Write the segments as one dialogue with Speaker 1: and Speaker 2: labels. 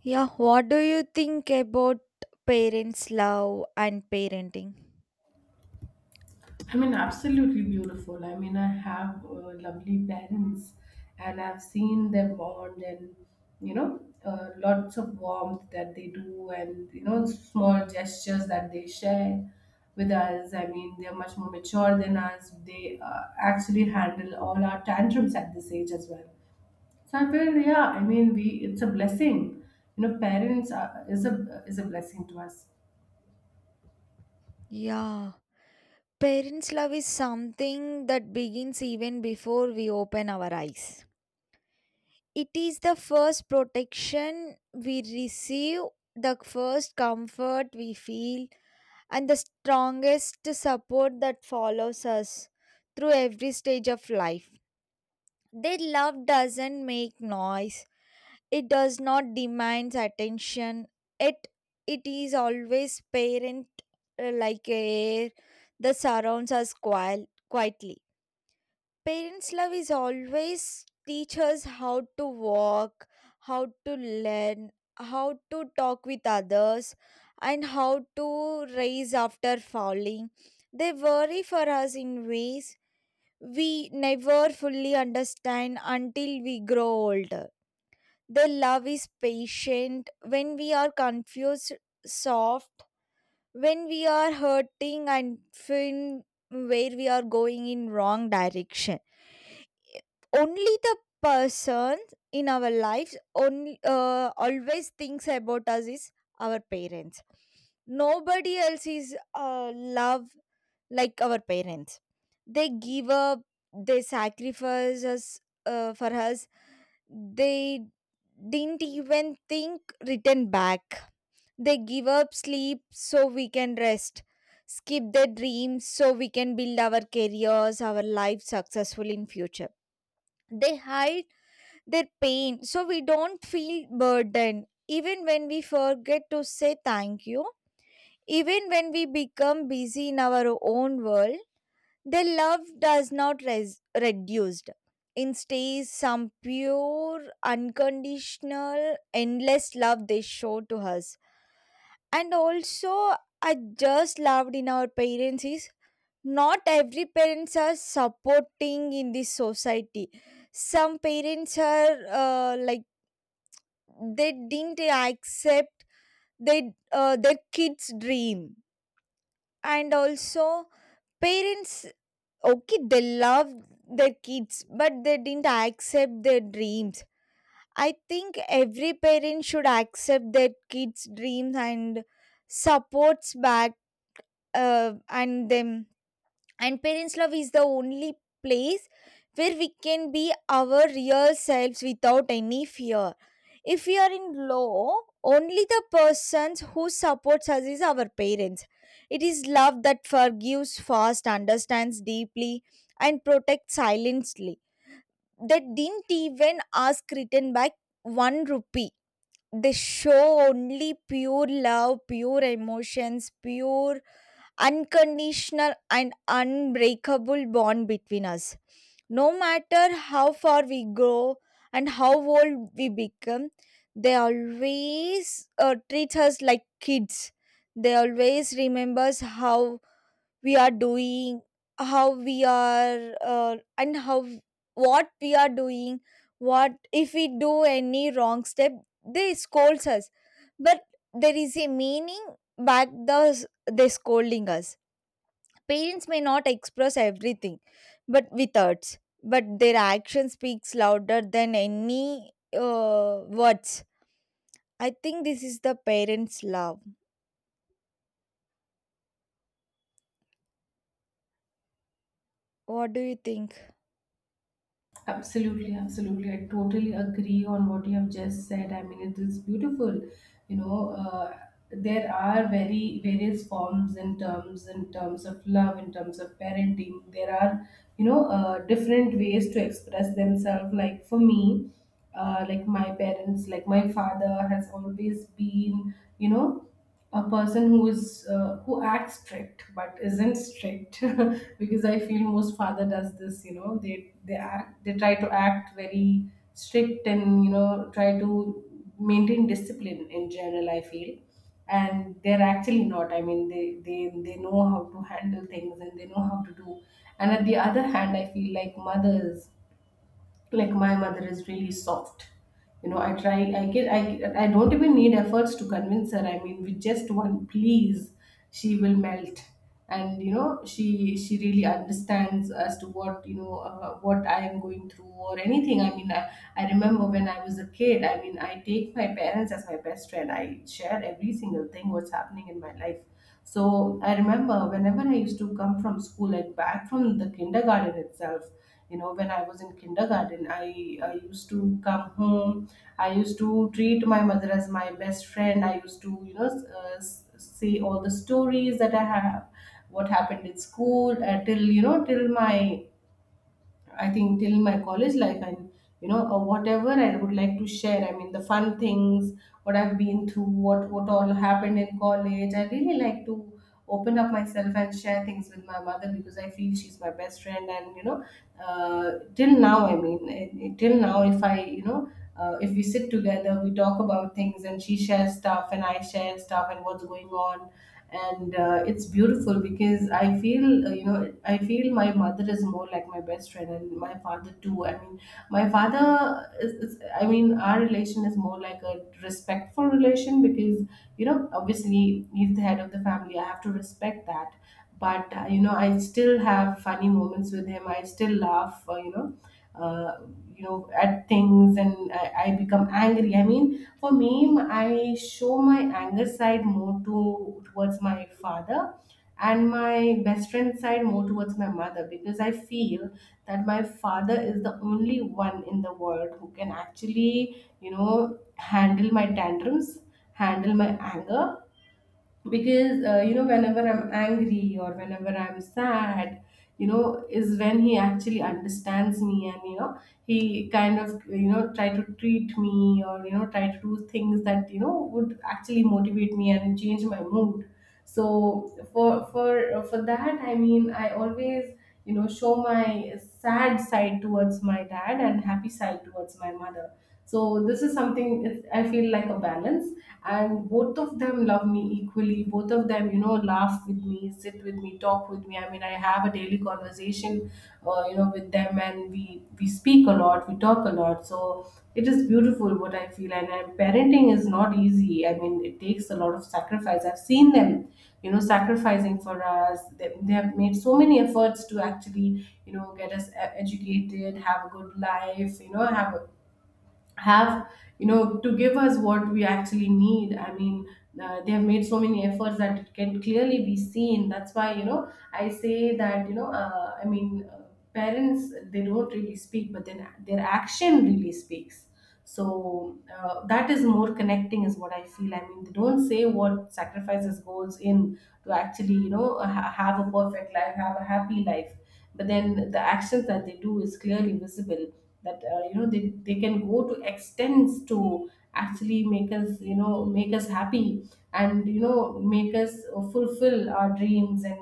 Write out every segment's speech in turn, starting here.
Speaker 1: Yeah, what do you think about parents' love and parenting?
Speaker 2: I mean, absolutely beautiful. I mean, I have lovely parents and I've seen them bond, and you know, lots of warmth that they do and, you know, small gestures that they share with us. I mean, they're much more mature than us. They actually handle all our tantrums at this age as well. So I feel, yeah, I mean, we it's a blessing. You know, is a blessing to us.
Speaker 1: Yeah. Parents' love is something that begins even before we open our eyes. It is the first protection we receive, the first comfort we feel, and the strongest support that follows us through every stage of life. Their love doesn't make noise, it does not demand attention. It it is always parent like air that surrounds us quietly. Parents' love is always teach us how to walk, how to learn, how to talk with others, and how to rise after falling. They worry for us in ways we never fully understand until we grow older. Their love is patient when we are confused, soft when we are hurting, and when where we are going in wrong direction. Only the person in our lives only always thinks about us is our parents. Nobody else is love like our parents. They give up, they sacrifice us for us. They didn't even think return back. They give up sleep so we can rest, skip their dreams so we can build our careers, our life successful in future. They hide their pain so we don't feel burdened, even when we forget to say thank you, even when we become busy in our own world. The love does not reduced. Instead, some pure, unconditional, endless love they show to us. And also, I just loved in our parents is not every parents are supporting in this society. Some parents are like, they didn't accept their kids dream. And also, parents, okay, they love their kids, but they didn't accept their dreams. I think every parent should accept their kids dreams and supports back and them. And parents love is the only place where we can be our real selves without any fear. If we are in law, only the persons who supports us is our parents. It is love that forgives fast, understands deeply, and protects silently. They didn't even ask written back one rupee. They show only pure love, pure emotions, pure unconditional and unbreakable bond between us. No matter how far we grow and how old we become, they always treat us like kids. They always remembers how we are doing, how we are, and how what we are doing. What if we do any wrong step? They scolds us, but there is a meaning back they scolding us. Parents may not express everything, but with words, but their action speaks louder than any words. I think this is the parents' love. What do you think?
Speaker 2: Absolutely, absolutely. I totally agree on what you have just said. I mean, it is beautiful. You know, there are very various forms in terms of love, in terms of parenting. There are, you know, different ways to express themselves. Like for me, like my parents, like my father has always been, you know, a person who is who acts strict but isn't strict because I feel most father does this, you know, they act, they try to act very strict, and you know, try to maintain discipline in general I feel. And they're actually not. I mean, they they know how to handle things and they know how to do. And at the other hand, I feel like mothers, like my mother is really soft. You know, I try I get I don't even need efforts to convince her. I mean, with just one please, she will melt. And you know, she really understands as to what you know what I am going through or anything. I mean, I remember when I was a kid. I mean, I take my parents as my best friend. I share every single thing what's happening in my life. So I remember whenever I used to come from school, like back from the kindergarten itself, you know, when I was in kindergarten, I used to come home. I used to treat my mother as my best friend. I used to, you know, say all the stories that I have, what happened in school till, you know, till my I think till my college life. And you know, whatever I would like to share. I mean, the fun things, what I've been through, what all happened in college. I really like to open up myself and share things with my mother because I feel she's my best friend. And you know, till now, I mean, till now, if I, you know. If we sit together, we talk about things, and she shares stuff, and I share stuff, and what's going on. And it's beautiful because I feel, you know, I feel my mother is more like my best friend, and my father too. I mean, is, I mean, our relation is more like a respectful relation because, you know, obviously he's the head of the family. I have to respect that. But you know, I still have funny moments with him. I still laugh, you know, uh, you know, at things. And I become angry. I mean, for me, I show my anger side more to towards my father, and my best friend side more towards my mother, because I feel that my father is the only one in the world who can actually, you know, handle my tantrums, handle my anger, because you know, whenever I'm angry or whenever I'm sad, you know, is when he actually understands me. And you know, he kind of, you know, try to treat me, or you know, try to do things that, you know, would actually motivate me and change my mood. So for that, I mean, I always, you know, show my sad side towards my dad, and happy side towards my mother. So this is something, I feel like a balance. And both of them love me equally. Both of them, you know, laugh with me, sit with me, talk with me. I mean, I have a daily conversation you know, with them, and we speak a lot, we talk a lot. So it is beautiful what I feel. And parenting is not easy. I mean, it takes a lot of sacrifice. I've seen them, you know, sacrificing for us. They have made so many efforts to actually, you know, get us educated, have a good life, you know, have you know, to give us what we actually need. I mean, they have made so many efforts that it can clearly be seen. That's why, you know, I say that, you know, parents, they don't really speak, but then their action really speaks. So that is more connecting is what I feel. I mean, they don't say what sacrifices goes in to actually, you know, have a perfect life, have a happy life. But then the actions that they do is clearly visible, that you know, they can go to extents to actually make us, you know, make us happy, and you know, make us fulfill our dreams, and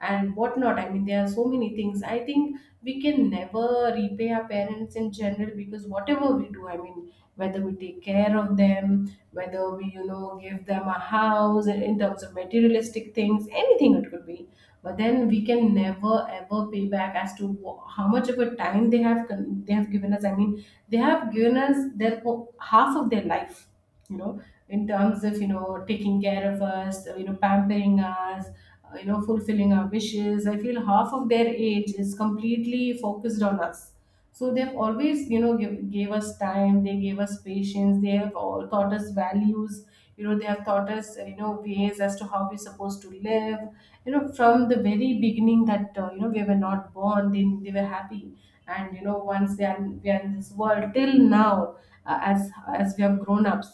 Speaker 2: whatnot. I mean, there are so many things. I think we can never repay our parents in general, because whatever we do, I mean, whether we take care of them, whether we, you know, give them a house in terms of materialistic things, anything it could be. But then we can never ever pay back as to how much of a time they have they have given us. I mean, they have given us their half of their life, you know, in terms of, you know, taking care of us, you know, pampering us, you know, fulfilling our wishes. I feel half of their age is completely focused on us. So they've always, you know, gave us time, they gave us patience, they have all taught us values. You know, they have taught us, you know, ways as to how we're supposed to live, you know, from the very beginning, that you know, we were not born, they were happy. And you know, once they are we are in this world till now, uh, as as we have grown ups.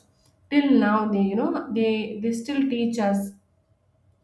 Speaker 2: Till now, they, you know, they still teach us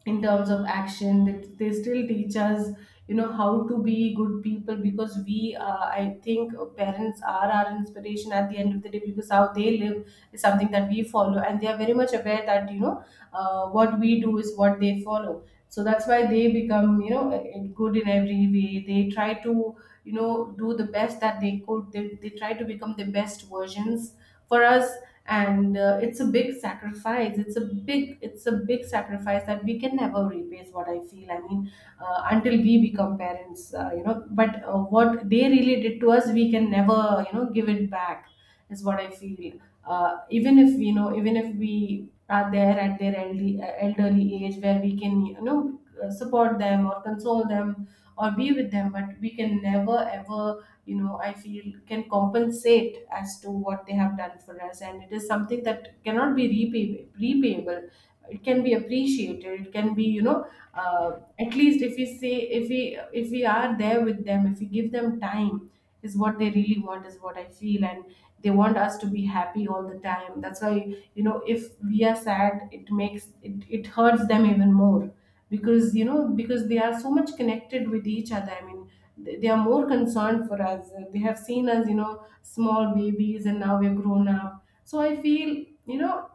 Speaker 2: in terms of action. They still teach us, you know, how to be good people. Because we, I think parents are our inspiration at the end of the day, because how they live is something that we follow, and they are very much aware that, you know, what we do is what they follow. So that's why they become, you know, good in every way. They try to, you know, do the best that they could. They try to become the best versions for us. And it's a big sacrifice. It's a big sacrifice that we can never repay, is what I feel. I mean, until we become parents, you know, but what they really did to us, we can never, you know, give it back, is what I feel. Even if, you know, even if we are there at their elderly age, where we can, you know, support them or console them or be with them, but we can never ever, you know, I feel can compensate as to what they have done for us. And it is something that cannot be repayable. It can be appreciated, it can be, you know, uh, at least if we say, if we are there with them, if we give them time, is what they really want, is what I feel. And they want us to be happy all the time. That's why, you know, if we are sad, it hurts them even more. Because, you know, because they are so much connected with each other. I mean, they are more concerned for us. They have seen us, you know, small babies, and now we're grown up. So I feel, you know,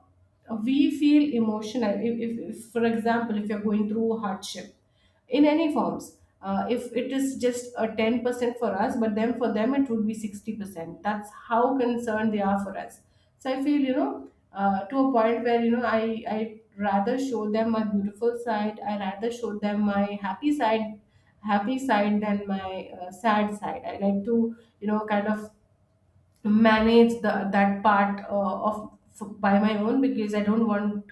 Speaker 2: we feel emotional. If for example, if you're going through hardship in any forms, if it is just a 10% for us, but then for them it would be 60%. That's how concerned they are for us. So I feel, you know, to a point where, you know, I rather show them my beautiful side. I rather show them my happy side than my sad side. I like to, kind of manage the that part of by my own because I don't want,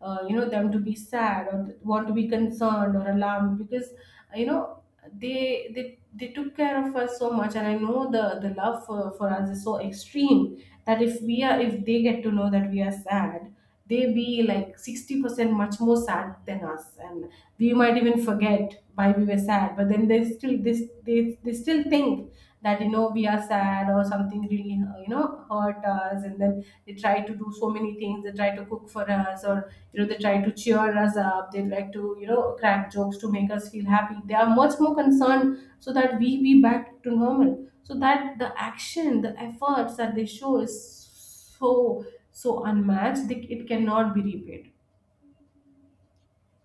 Speaker 2: them to be sad or want to be concerned or alarmed because you know they took care of us so much, and I know the love for us is so extreme that if we are, if they get to know that we are sad, they be like 60% much more sad than us. And we might even forget why we were sad, but then they still this they still think that you know we are sad or something really hurt us. And then they try to do so many things, they try to cook for us, or you know they try to cheer us up, they like to you know crack jokes to make us feel happy. They are much more concerned so that we be back to normal, so that the action, the efforts that they show is so so unmatched that it cannot be repaid.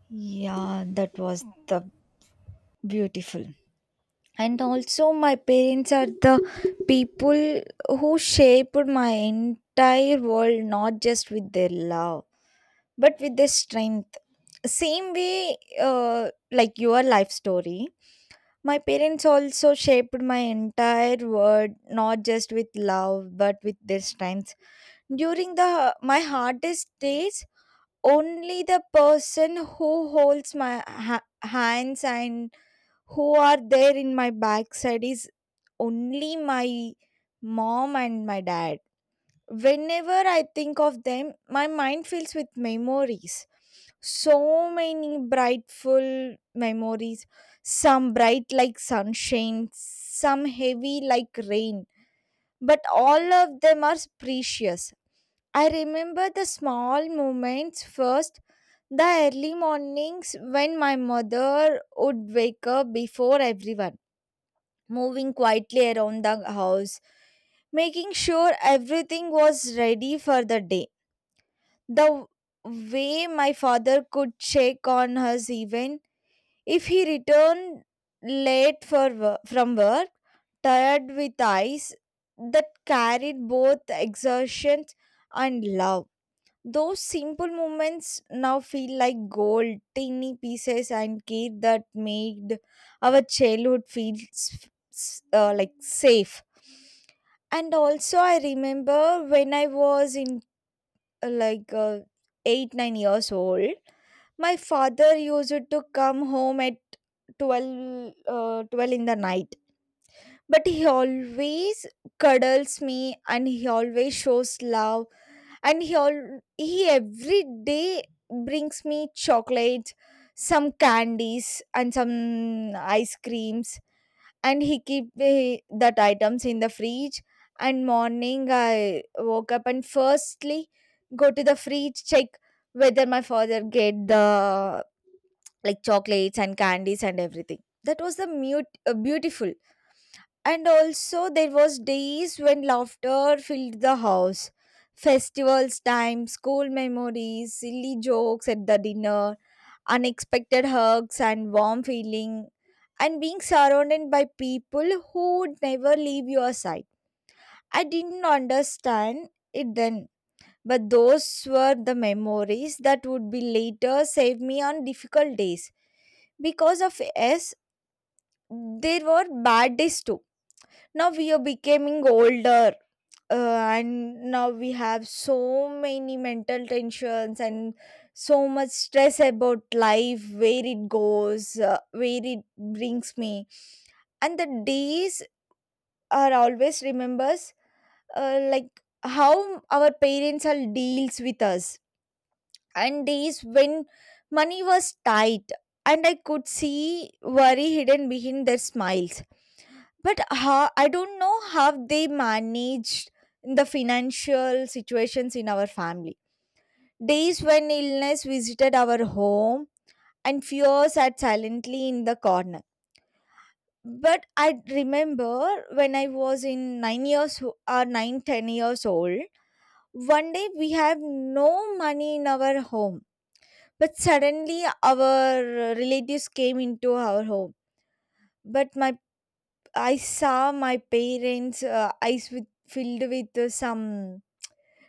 Speaker 1: Yeah, that was the beautiful. And also, my parents are the people who shaped my entire world, not just with their love, but with their strength. Same way, like your life story. My parents also shaped my entire world, not just with love, but with their strengths. During the my hardest days, only the person who holds my hands and who are there in my backside is only my mom and my dad. Whenever I think of them, my mind fills with memories. So many brightful memories. Some bright like sunshine, some heavy like rain. But all of them are precious. I remember the small moments first, the early mornings when my mother would wake up before everyone, moving quietly around the house, making sure everything was ready for the day. The way my father could check on us even if he returned late from work, tired with eyes that carried both exertion and love. Those simple moments now feel like gold, tiny pieces and care that made our childhood feel like safe. And also, I remember when I was in like 8 9 years old. My father used to come home at 12 in the night, but he always cuddles me, and he always shows love, and he every day brings me chocolates, some candies and some ice creams, and he keep the that items in the fridge. And morning I woke up and firstly go to the fridge, check whether my father get the like chocolates and candies and everything. That was the mute beautiful. And also, there was days when laughter filled the house, festivals time, school memories, silly jokes at the dinner, unexpected hugs and warm feeling, and being surrounded by people who would never leave your side. I didn't understand it then, but those were the memories that would be later save me on difficult days. Because of us, there were bad days too. Now we are becoming older. And now we have so many mental tensions and so much stress about life, where it goes, where it brings me. And the days are always remembers like how our parents are deals with us, and days when money was tight, and I could see worry hidden behind their smiles, but how I don't know how they managed the financial situations in our family. Days when illness visited our home and fears sat silently in the corner. But I remember, when I was in 9 years or 9 10 years old, one day we have no money in our home, but suddenly our relatives came into our home. But my I saw my parents eyes filled with some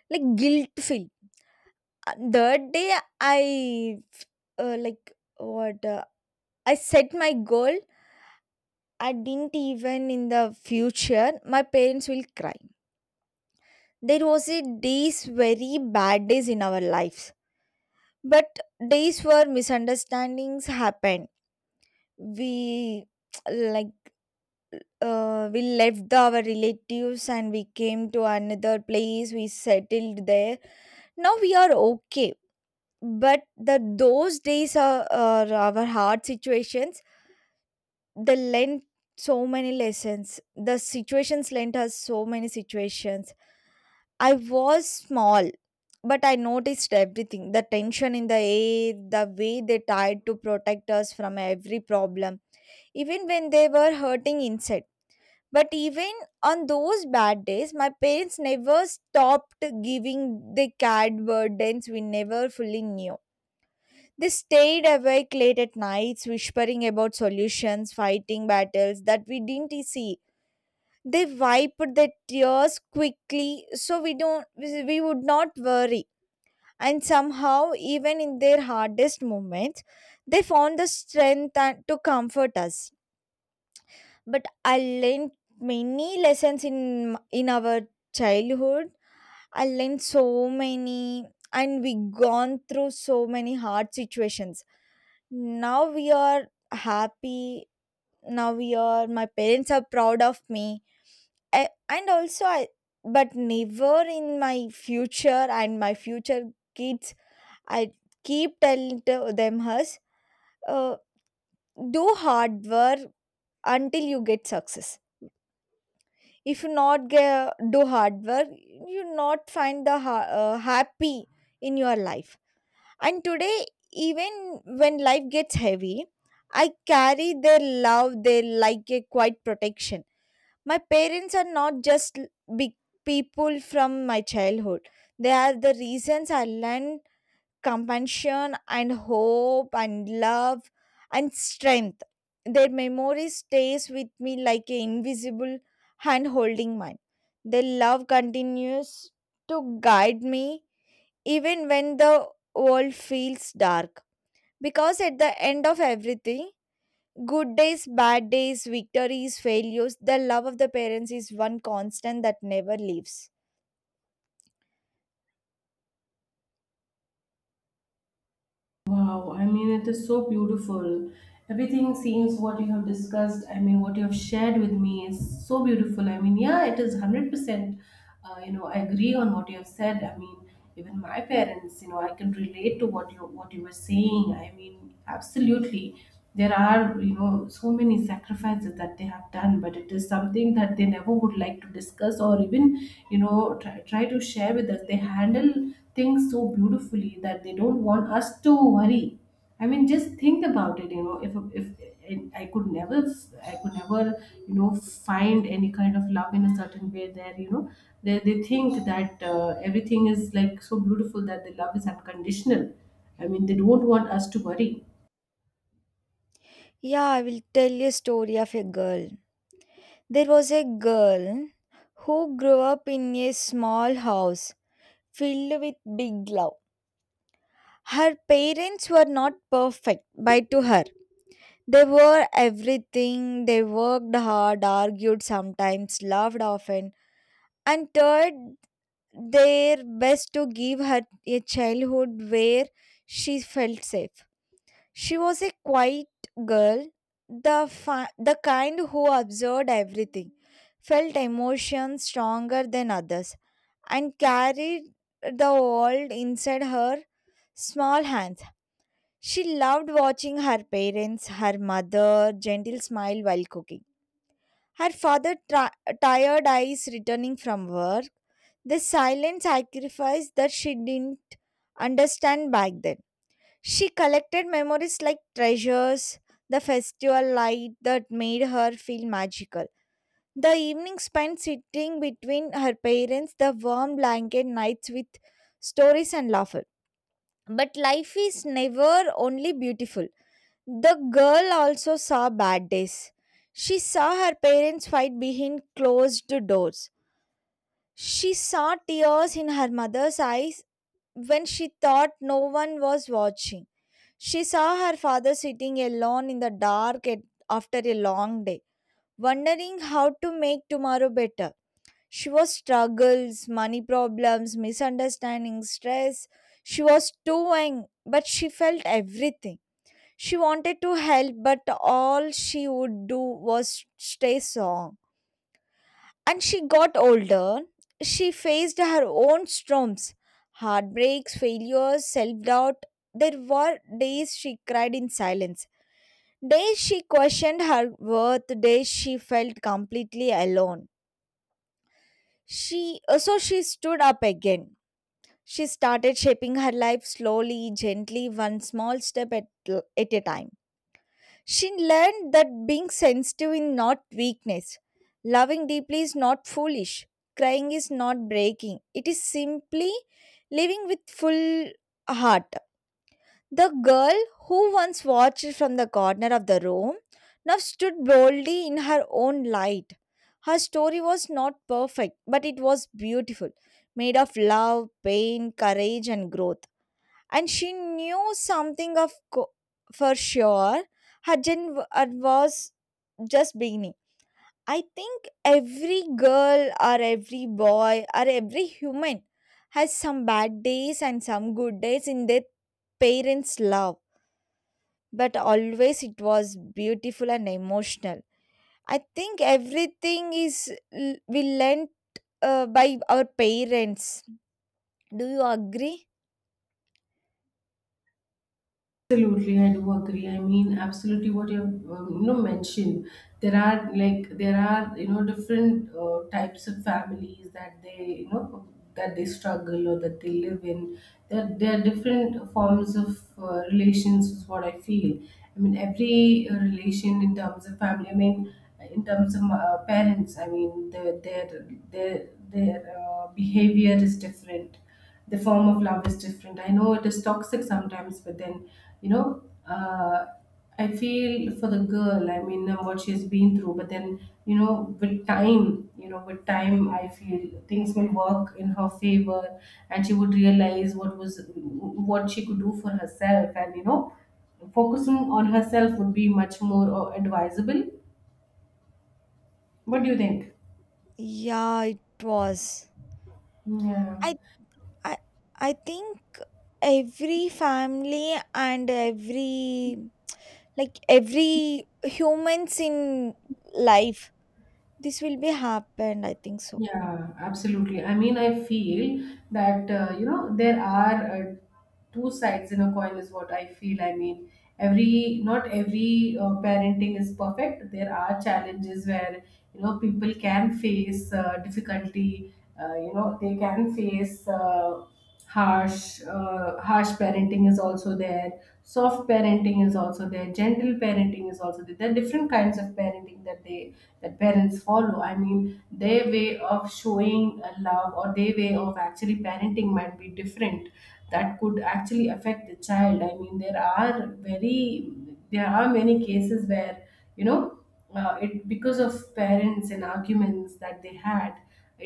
Speaker 1: like guilt filled. That day I like what I set my goal. I didn't even in the future my parents will cry. There was a days, very bad days in our lives, but days where misunderstandings happened. We like we left our relatives and we came to another place. We settled there. Now we are okay, but the those days are our hard situations. They lent so many lessons. The situations lent us so many situations. I was small, but I noticed everything, the tension in the air, the way they tried to protect us from every problem, even when they were hurting inside. But even on those bad days, my parents never stopped giving the cat burdens we never fully knew. They stayed awake late at nights, whispering about solutions, fighting battles that we didn't see. They wiped their tears quickly so we don't we would not worry. And somehow, even in their hardest moments, they found the strength to comfort us. But I learned many lessons in our childhood. I learned so many, and we gone through so many hard situations. Now we are happy. Now we are. My parents are proud of me. I, and also, I, but never in my future and my future kids, I keep telling to them us, uh, do hard work until you get success. If you not get, do hard work, you not find the happy in your life. And today, even when life gets heavy, I carry their love, they like a quiet protection. My parents are not just big people from my childhood. They are the reasons I learned compassion and hope and love and strength. Their memory stays with me like an invisible hand holding mine. Their love continues to guide me even when the world feels dark. Because at the end of everything, good days, bad days, victories, failures, the love of the parents is one constant that never leaves.
Speaker 2: Wow, I mean it is so beautiful. Everything seems, what you have discussed, I mean what you have shared with me is so beautiful. I mean, yeah, it is 100%, you know, I agree on what you have said. I mean, even my parents, you know, I can relate to what you, what you were saying. I mean, absolutely there are, you know, so many sacrifices that they have done, but it is something that they never would like to discuss or even you know try to share with us. They handle things so beautifully that they don't want us to worry. I mean, just think about it, you know, if and I could never you know find any kind of love in a certain way there, you know they think that everything is like so beautiful that the love is unconditional. I mean, they don't want us to worry.
Speaker 1: Yeah, I will tell you a story of a girl. There was a girl who grew up in a small house filled with big love. Her parents were not perfect, but to her, they were everything. They worked hard, argued sometimes, laughed often, and tried their best to give her a childhood where she felt safe. She was a quiet girl, the kind who observed everything, felt emotions stronger than others, and carried the world inside her small hands. She loved watching her parents, her mother, gentle smile while cooking. Her father, tired eyes returning from work, the silent sacrifice that she didn't understand back then. She collected memories like treasures, the festival light that made her feel magical. The evening spent sitting between her parents, the warm blanket nights with stories and laughter. But life is never only beautiful. The girl also saw bad days. She saw her parents fight behind closed doors. She saw tears in her mother's eyes when she thought no one was watching. She saw her father sitting alone in the dark after a long day, wondering how to make tomorrow better. She was struggles, money problems, misunderstandings, stress. She was too young, but she felt everything. She wanted to help, but all she would do was stay strong. And she got older. She faced her own storms, heartbreaks, failures, self doubt. There were days she cried in silence, days she questioned her worth, days she felt completely alone. She so she stood up again. She started shaping her life slowly, gently, one small step at a time. She learned that being sensitive is not weakness. Loving deeply is not foolish. Crying is not breaking. It is simply living with full heart. The girl who once watched from the corner of the room now stood boldly in her own light. Her story was not perfect, but it was beautiful, made of love, pain, courage, and growth. And she knew something of for sure, her journey was just beginning. I think every girl or every boy or every human has some bad days and some good days in their parents love, but always it was beautiful and emotional. I think everything is we learned by our parents. Do you agree?
Speaker 2: Absolutely, I do agree. I mean, absolutely what you have you know mentioned. There are like, there are you know different types of families that they you know that they struggle or that they live in. There are different forms of relations is what I feel. I mean, every relation in terms of family. I mean, in terms of parents. I mean, their their behavior is different, the form of love is different. I know it is toxic sometimes, but then you know, uh, I feel for the girl. I mean, what she's been through, but then you know with time, you know with time I feel things will work in her favor, and she would realize what was, what she could do for herself. And you know, focusing on herself would be much more advisable. What do you think?
Speaker 1: Yeah, it was.
Speaker 2: Yeah.
Speaker 1: I I I think every family and every like every humans in life, this will be happened, I think so.
Speaker 2: Yeah, absolutely. I mean, I feel that, you know, there are two sides in a coin, is what I feel. I mean, every, not every parenting is perfect. There are challenges where, you know, people can face difficulty, you know, they can face harsh parenting is also there, soft parenting is also there, gentle parenting is also there. There are different kinds of parenting that they, that parents follow. I mean, their way of showing love, or their way of actually parenting might be different, that could actually affect the child. I mean, there are very, there are many cases where you know it, because of parents and arguments that they had,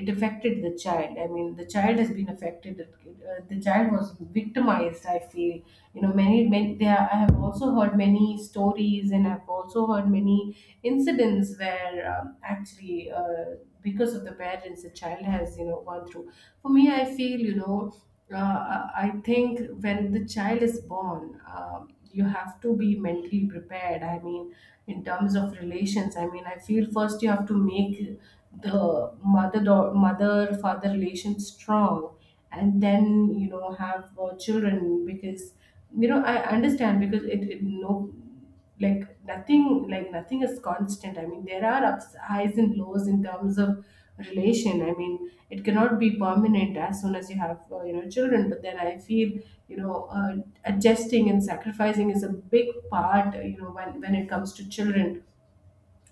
Speaker 2: it affected the child. I mean, the child has been affected, the child was victimized, I feel. You know, many they are, I have also heard many stories, and I've also heard many incidents where actually because of the parents, the child has you know gone through. For me, I feel you know, I think when the child is born, you have to be mentally prepared. I mean, in terms of relations, I mean, I feel first you have to make the mother, father relation strong, and then you know have children. Because you know I understand, because it no, like nothing, like nothing is constant. I mean, there are ups, highs and lows in terms of relation. I mean, it cannot be permanent as soon as you have you know children, but then I feel you know, adjusting and sacrificing is a big part, you know, when it comes to children,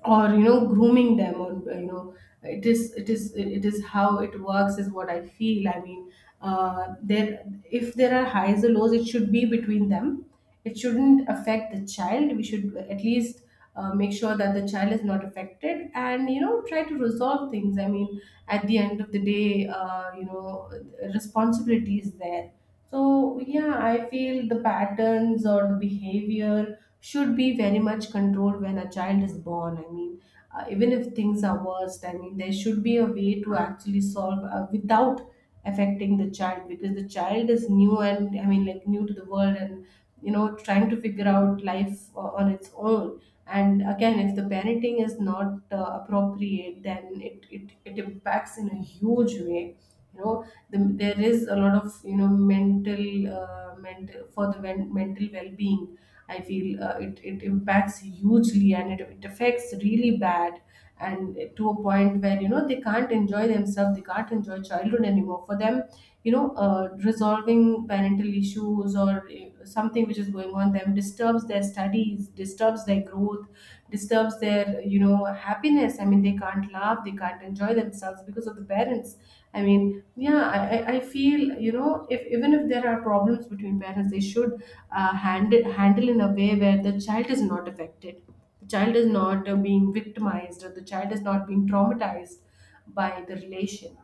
Speaker 2: or you know grooming them, or you know, it is how it works is what I feel. I mean, there, if there are highs or lows, it should be between them, it shouldn't affect the child. We should at least make sure that the child is not affected, and you know try to resolve things. I mean, at the end of the day, you know, responsibility is there. So, yeah, I feel the patterns or the behavior should be very much controlled when a child is born. I mean, even if things are worst, I mean, there should be a way to actually solve without affecting the child, because the child is new and, I mean, like new to the world and, you know, trying to figure out life on its own. And again, if the parenting is not appropriate, then it impacts in a huge way, you know. The, there is a lot of you know mental mental for the men, mental well-being, I feel it impacts hugely, and it affects really bad. And to a point where you know they can't enjoy themselves, they can't enjoy childhood anymore. For them, you know resolving parental issues, or something which is going on them, disturbs their studies, disturbs their growth, disturbs their you know happiness. I mean, they can't laugh, they can't enjoy themselves because of the parents. I mean, yeah, I feel you know, if even if there are problems between parents, they should handle in a way where the child is not affected, the child is not being victimized, or the child is not being traumatized by the relation.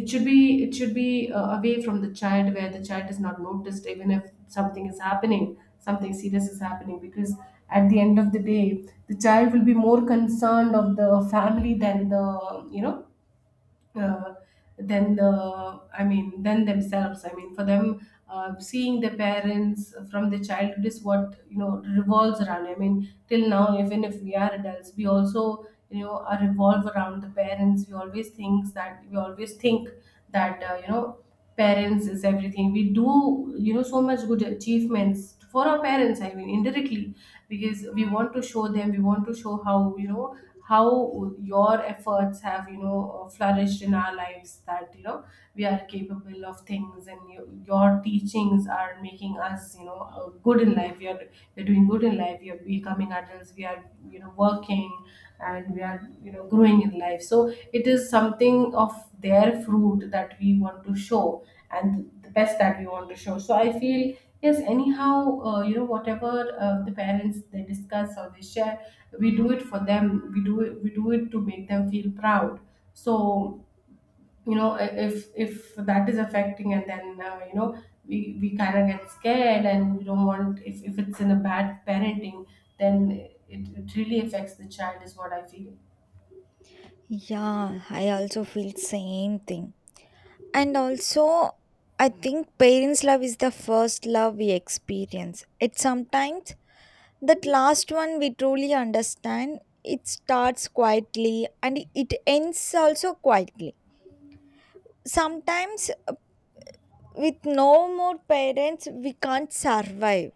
Speaker 2: It should be, it should be away from the child, where the child is not noticed even if something is happening, something serious is happening. Because at the end of the day, the child will be more concerned of the family than the, you know, uh, than the, I mean, than themselves. I mean, for them, seeing their parents from the childhood is what you know revolves around. I mean, till now, even if we are adults, we also you know are revolve around the parents. We always think that, we always think that you know parents is everything, we do you know so much good achievements for our parents, I mean indirectly, because we want to show them, we want to show how you know how your efforts have you know flourished in our lives, that you know we are capable of things, and your teachings are making us you know good in life. We are, we're doing good in life, we are becoming adults, we are you know working, and we are you know growing in life. So it is something of their fruit that we want to show, and the best that we want to show. So I feel yes, anyhow you know, whatever the parents they discuss or they share, we do it for them, we do it to make them feel proud. So you know, if that is affecting, and then you know we kind of get scared, and we don't want, if it's in a bad parenting, then it really affects the child is what I feel.
Speaker 1: Yeah, I also feel same thing. And also, I think parents love is the first love we experience. It sometimes That last one we truly understand. It starts quietly and it ends also quietly. Sometimes, with no more parents, we can't survive.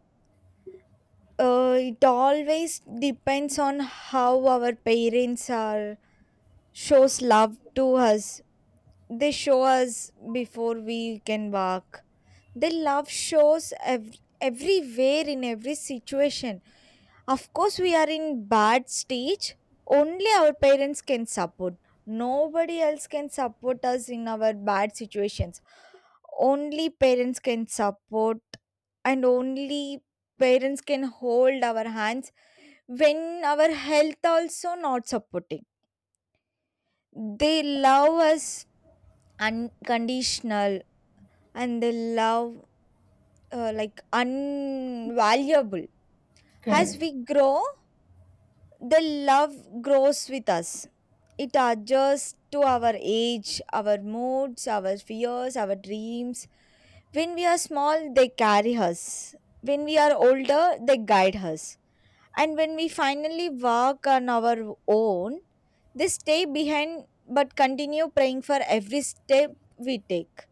Speaker 1: It always depends on how our parents are shows love to us. They show us before we can walk. Their love shows everywhere in every situation. Of course, we are in bad stage. Only our parents can support. Nobody else can support us in our bad situations. Only parents can support, and only parents can hold our hands when our health also not supporting. They love us unconditional, and they love like unvaluable. As
Speaker 2: Correct.
Speaker 1: we grow, the love grows with us. It adjusts to our age, our moods, our fears, our dreams. When we are small, they carry us. When we are older, they guide us. And when we finally walk on our own, they stay behind but continue praying for every step we take.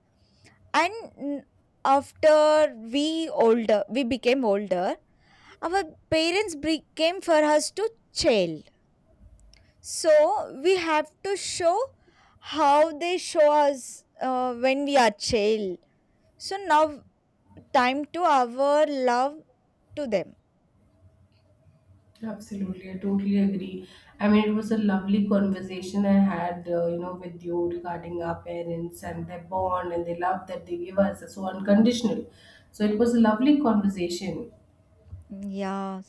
Speaker 1: And mm, after we older, we became older, our parents became for us to chill, so we have to show how they show us when we are child. So now time to our love to them.
Speaker 2: Absolutely. I totally agree. I mean, it was a lovely conversation I had, you know, with you regarding our parents and their bond, and the love that they give us so unconditional. So it was a lovely conversation.
Speaker 1: Yeah.